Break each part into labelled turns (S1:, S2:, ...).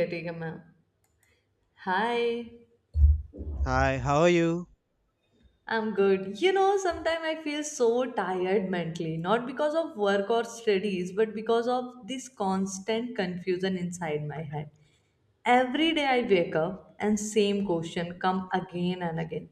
S1: Okay, ठीक है. Hi,
S2: Hi, how are you?
S1: I'm good. You know, sometimes I feel so tired mentally, not because of work or studies, but because of this constant confusion inside my head. Every day I wake up and same question come again and again.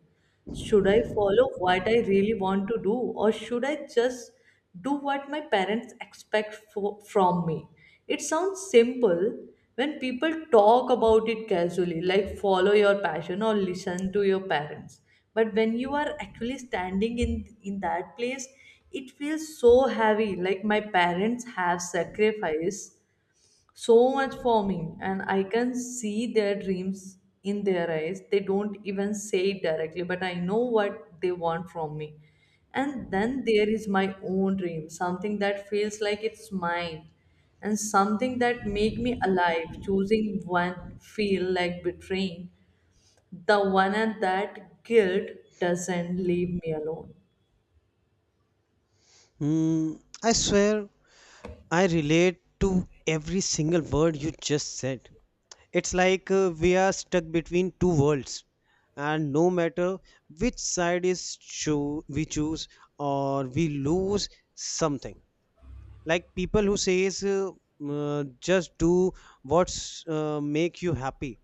S1: Should I follow what I really want to do or should I just do what my parents expect from me? It sounds simple when people talk about it casually, like follow your passion or listen to your parents. But when you are actually standing in that place, it feels so heavy. Like my parents have sacrificed so much for me, and I can see their dreams in their eyes. They don't even say it directly, but I know what they want from me. And then there is my own dream, something that feels like it's mine and something that make me alive. Choosing one feel like betraying the one, and that guilt doesn't leave me alone.
S2: Hmm. I swear I relate to every single word you just said. It's like we are stuck between two worlds, and no matter which side is cho- we choose, or we lose something. Like people who says, uh, "Just do what's make you happy,"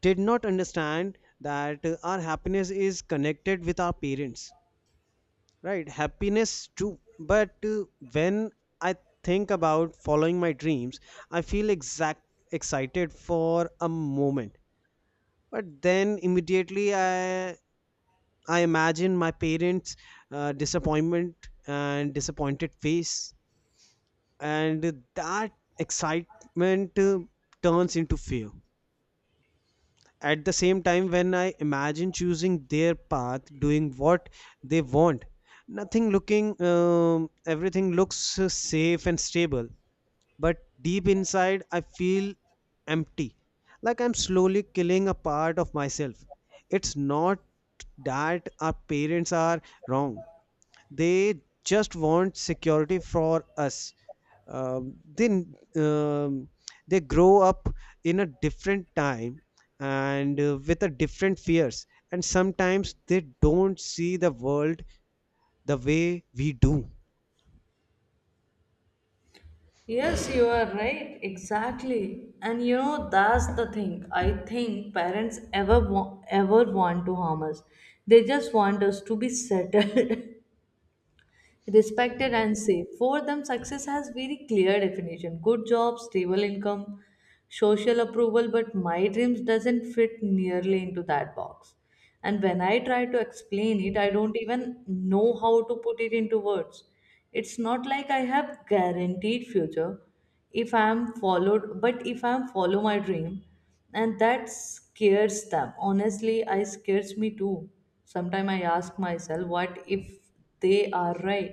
S2: did not understand that our happiness is connected with our parents. Right, happiness too. But when I think about following my dreams, I feel exact excited for a moment. But then immediately I imagine my parents' disappointment and disappointed face, and that excitement turns into fear. At the same time, when I imagine choosing their path, doing what they want, nothing looking everything looks safe and stable, but deep inside I feel empty, like I'm slowly killing a part of myself. It's not that our parents are wrong, they just want security for us. um, they um, they grow up in a different time and with a different fears, and sometimes they don't see the world the way we do.
S1: Yes, you are right. Exactly. And you know, that's the thing. I think parents ever ever want to harm us. They just want us to be settled, respected and safe. For them, success has very clear definition. Good job, stable income, social approval, but my dreams doesn't fit nearly into that box. And when I try to explain it, I don't even know how to put it into words. It's not like I have guaranteed future if I am followed, but if I am follow my dream, and that scares them. Honestly, I scares me too. Sometimes I ask myself, what if they are right?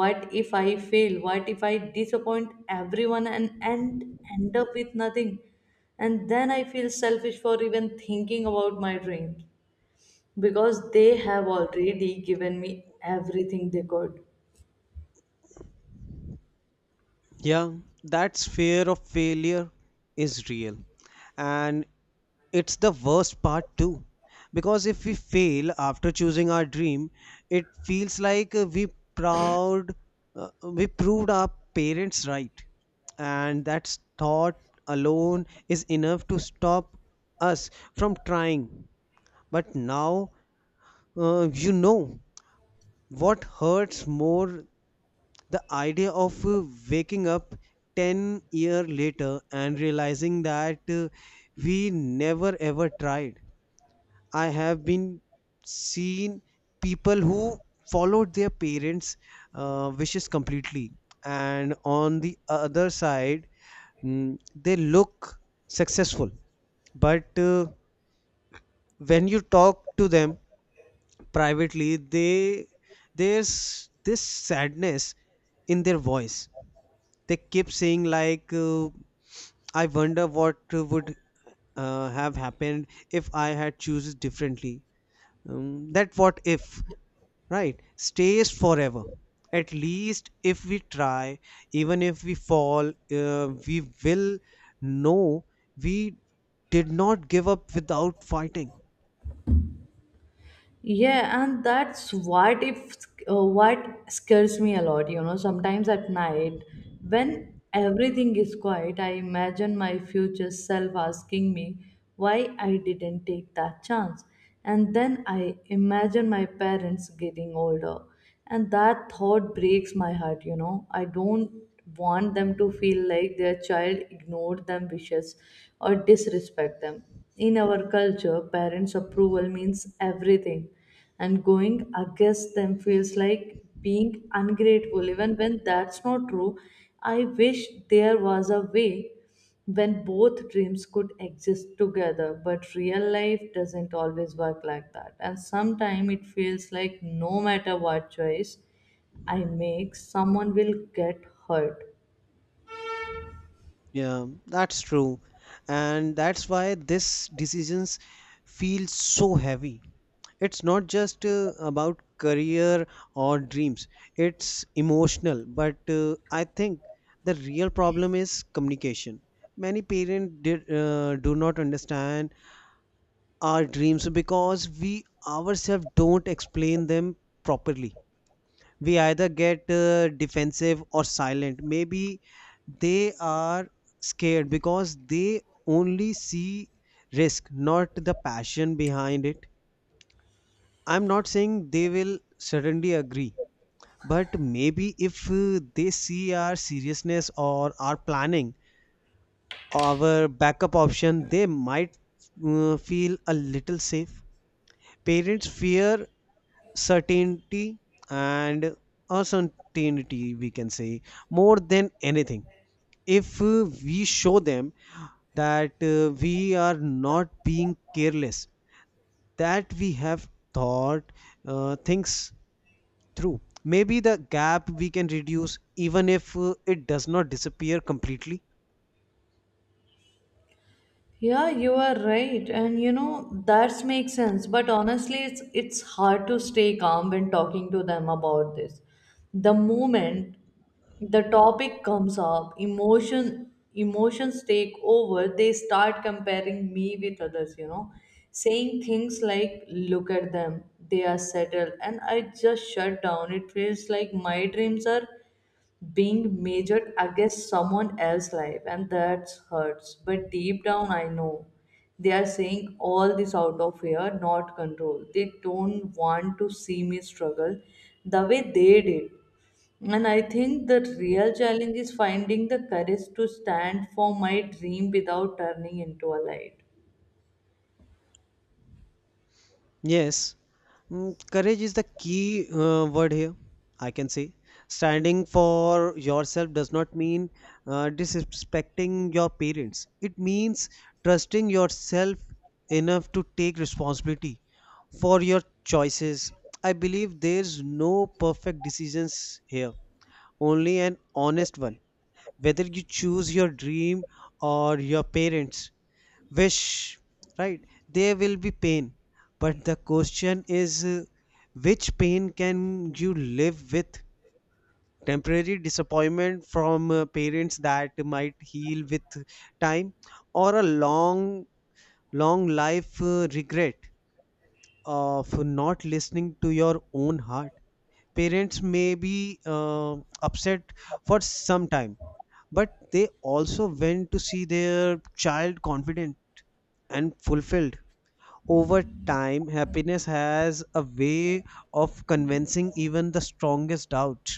S1: What if I fail? What if I disappoint everyone and end up with nothing? And then I feel selfish for even thinking about my dreams, because they have already given me everything they could.
S2: Yeah, that fear of failure is real. And it's the worst part too. Because if we fail after choosing our dream, it feels like proud we proved our parents right. And that thought alone is enough to stop us from trying. But now uh, you know what hurts more? The idea of waking up 10 years later and realizing that we never ever tried. I have been seen people who followed their parents' wishes completely, and on the other side, mm, they look successful, but when you talk to them privately, they there's this sadness in their voice. They keep saying like I wonder what would have happened if I had chooses differently. That what if right stays forever. At least if we try, even if we fall, we will know we did not give up without fighting.
S1: Yeah, and that's what if what scares me a lot. You know, sometimes at night when everything is quiet, I imagine my future self asking me why I didn't take that chance, and then I imagine my parents getting older, and that thought breaks my heart, you know. I don't want them to feel like their child ignored them wishes or disrespect them. In our culture, parents' approval means everything, and going against them feels like being ungrateful, even when that's not true. I wish there was a way when both dreams could exist together, but real life doesn't always work like that, and sometimes it feels like no matter what choice I make, someone will get hurt.
S2: Yeah, that's true. And that's why these decisions feel so heavy. It's not just about career or dreams, it's emotional. But I think the real problem is communication. Many parents do not understand our dreams because we ourselves don't explain them properly. We either get defensive or silent. Maybe they are scared because they only see risk, not the passion behind it. I'm not saying they will suddenly agree, but maybe if they see our seriousness or our planning, our backup option, they might feel a little safe. Parents fear certainty and uncertainty, we can say, more than anything. If we show them that we are not being careless, that we have thought things through, maybe the gap we can reduce, even if it does not disappear completely.
S1: Yeah, you are right, and you know that makes sense. But honestly, it's hard to stay calm when talking to them about this. The moment the topic comes up, emotions take over. They start comparing me with others. You know, saying things like, "Look at them, they are settled," and I just shut down. It feels like my dreams are being measured against someone else's life, and that hurts. But deep down I know they are saying all this out of fear, not control. They don't want to see me struggle the way they did. And I think the real challenge is finding the courage to stand for my dream without turning into a light.
S2: Yes, mm, courage is the key word here, I can say. Standing for yourself does not mean disrespecting your parents, it means trusting yourself enough to take responsibility for your choices. I believe there's no perfect decisions here, only an honest one. Whether you choose your dream or your parents, wish, right? There will be pain, but the question is which pain can you live with? Temporary disappointment from parents that might heal with time, or a long, long life regret of not listening to your own heart. Parents may be upset for some time, but they also went to see their child confident and fulfilled. Over time, happiness has a way of convincing even the strongest doubt.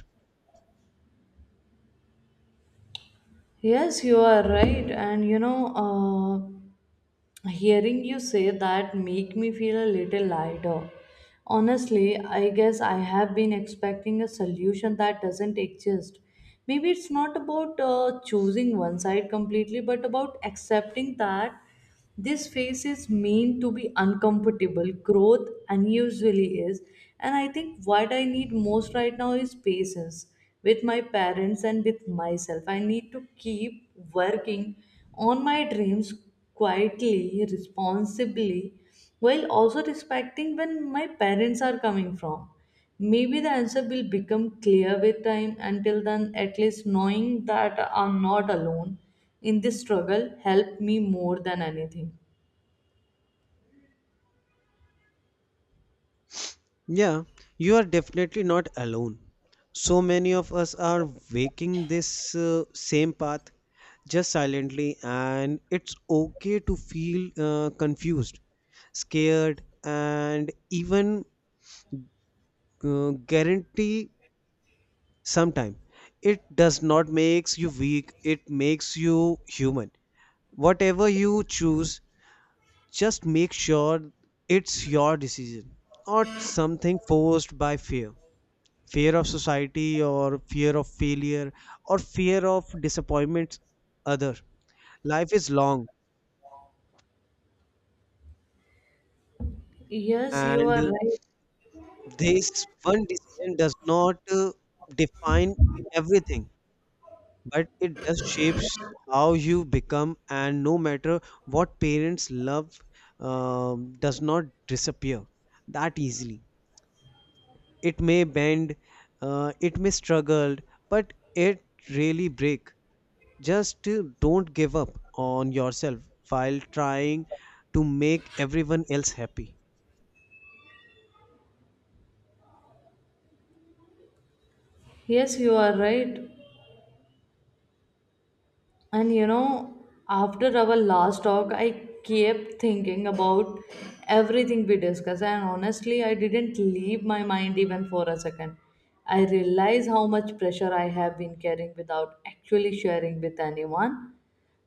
S1: Yes, you are right. And you know, uh, hearing you say that make me feel a little lighter. Honestly, I guess I have been expecting a solution that doesn't exist. Maybe it's not about choosing one side completely, but about accepting that this phase is meant to be uncomfortable. Growth unusually is. And I think what I need most right now is patience with my parents and with myself. I need to keep working on my dreams quietly, responsibly, while also respecting when my parents are coming from. Maybe the answer will become clear with time. Until then, at least knowing that I'm not alone in this struggle helped me more than anything.
S2: Yeah, you are definitely not alone. So many of us are waking this same path just silently, and it's okay to feel confused, scared, and even guarantee sometime. It does not makes you weak, it makes you human. Whatever you choose, just make sure it's your decision, not something forced by fear. Fear of society, or fear of failure, or fear of disappointment other. Life is long,
S1: Yes, you
S2: and
S1: are right.
S2: this one decision does not define everything, but it does shapes how you become. And no matter what, parents love does not disappear that easily. It may bend, it may struggle, but it really break. Just don't give up on yourself while trying to make everyone else happy.
S1: Yes, you are right. And you know, after our last talk, I kept thinking about everything we discussed, and honestly, I didn't leave my mind even for a second. I realize how much pressure I have been carrying without actually sharing with anyone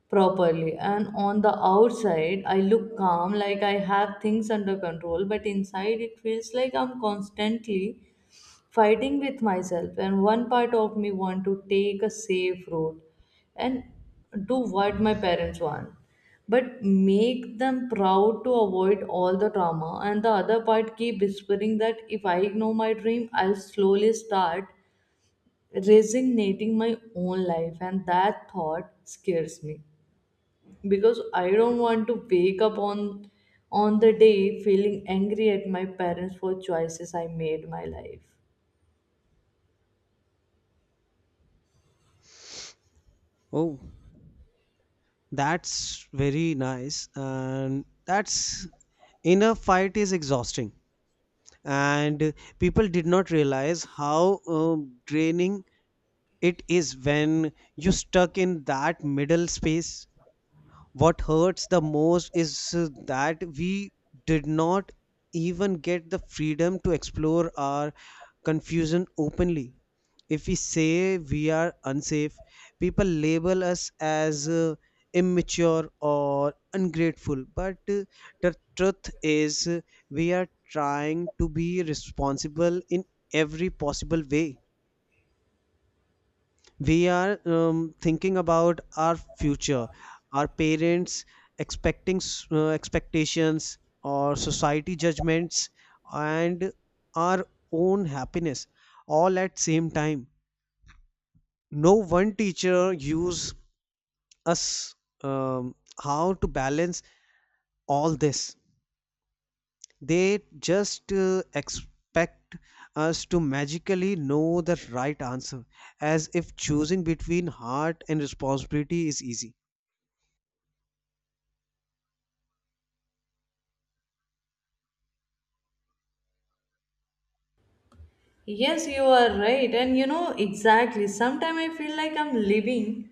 S1: properly. And on the outside, I look calm, like I have things under control, but inside, it feels like I'm constantly fighting with myself. And one part of me want to take a safe road and do what my parents want, but make them proud to avoid all the trauma. And the other part keep whispering that if I ignore my dream, I'll slowly start resignating my own life, and that thought scares me, because I don't want to wake up on the day feeling angry at my parents for choices I made my life.
S2: Oh, that's very nice, and that's inner fight is exhausting, and people did not realize how draining it is when you stuck in that middle space. What hurts the most is that we did not even get the freedom to explore our confusion openly. If we say we are unsafe, people label us as immature or ungrateful. But the truth is, we are trying to be responsible in every possible way. We are thinking about our future, our parents expectations, or society judgments, and our own happiness, all at same time. No one teacher use us, um, how to balance all this. They just expect us to magically know the right answer, as if choosing between heart and responsibility is easy.
S1: Yes, you are right. And you know, exactly. Sometimes I feel like I'm living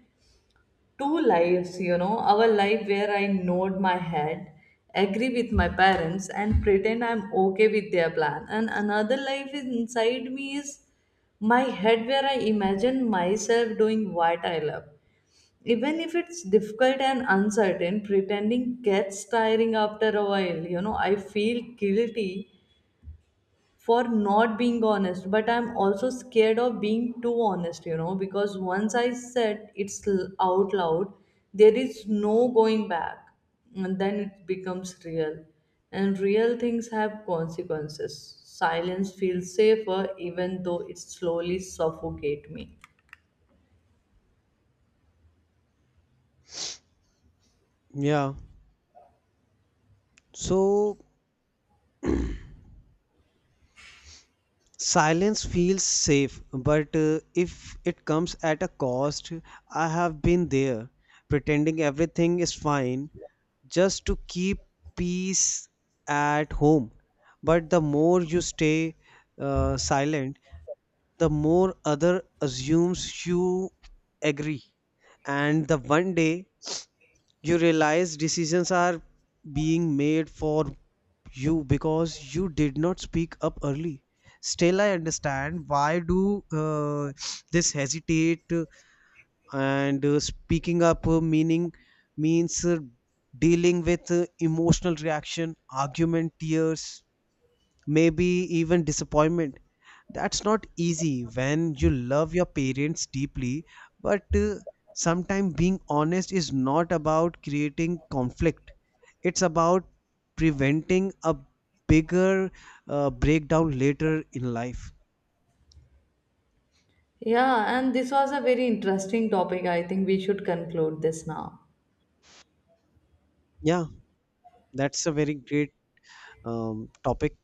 S1: two lives, you know, our life where I nod my head, agree with my parents, and pretend I'm okay with their plan. And another life is inside me, is my head, where I imagine myself doing what I love. Even if it's difficult and uncertain, pretending gets tiring after a while. You know, I feel guilty for not being honest, but I'm also scared of being too honest, you know, because once I said out loud, there is no going back, and then it becomes real, and real things have consequences. Silence feels safer, even though it slowly suffocate me.
S2: Yeah. So silence feels safe, but if it comes at a cost, I have been there, pretending everything is fine just to keep peace at home. But the more you stay silent, the more other assumes you agree. And the one day you realize decisions are being made for you because you did not speak up early. Still, I understand why do this hesitate and speaking up meaning means dealing with emotional reaction, argument, tears, maybe even disappointment. That's not easy when you love your parents deeply, but sometimes being honest is not about creating conflict. It's about preventing a bigger breakdown later in life.
S1: Yeah, and this was a very interesting topic. I think we should conclude this now.
S2: Yeah, that's a very great topic.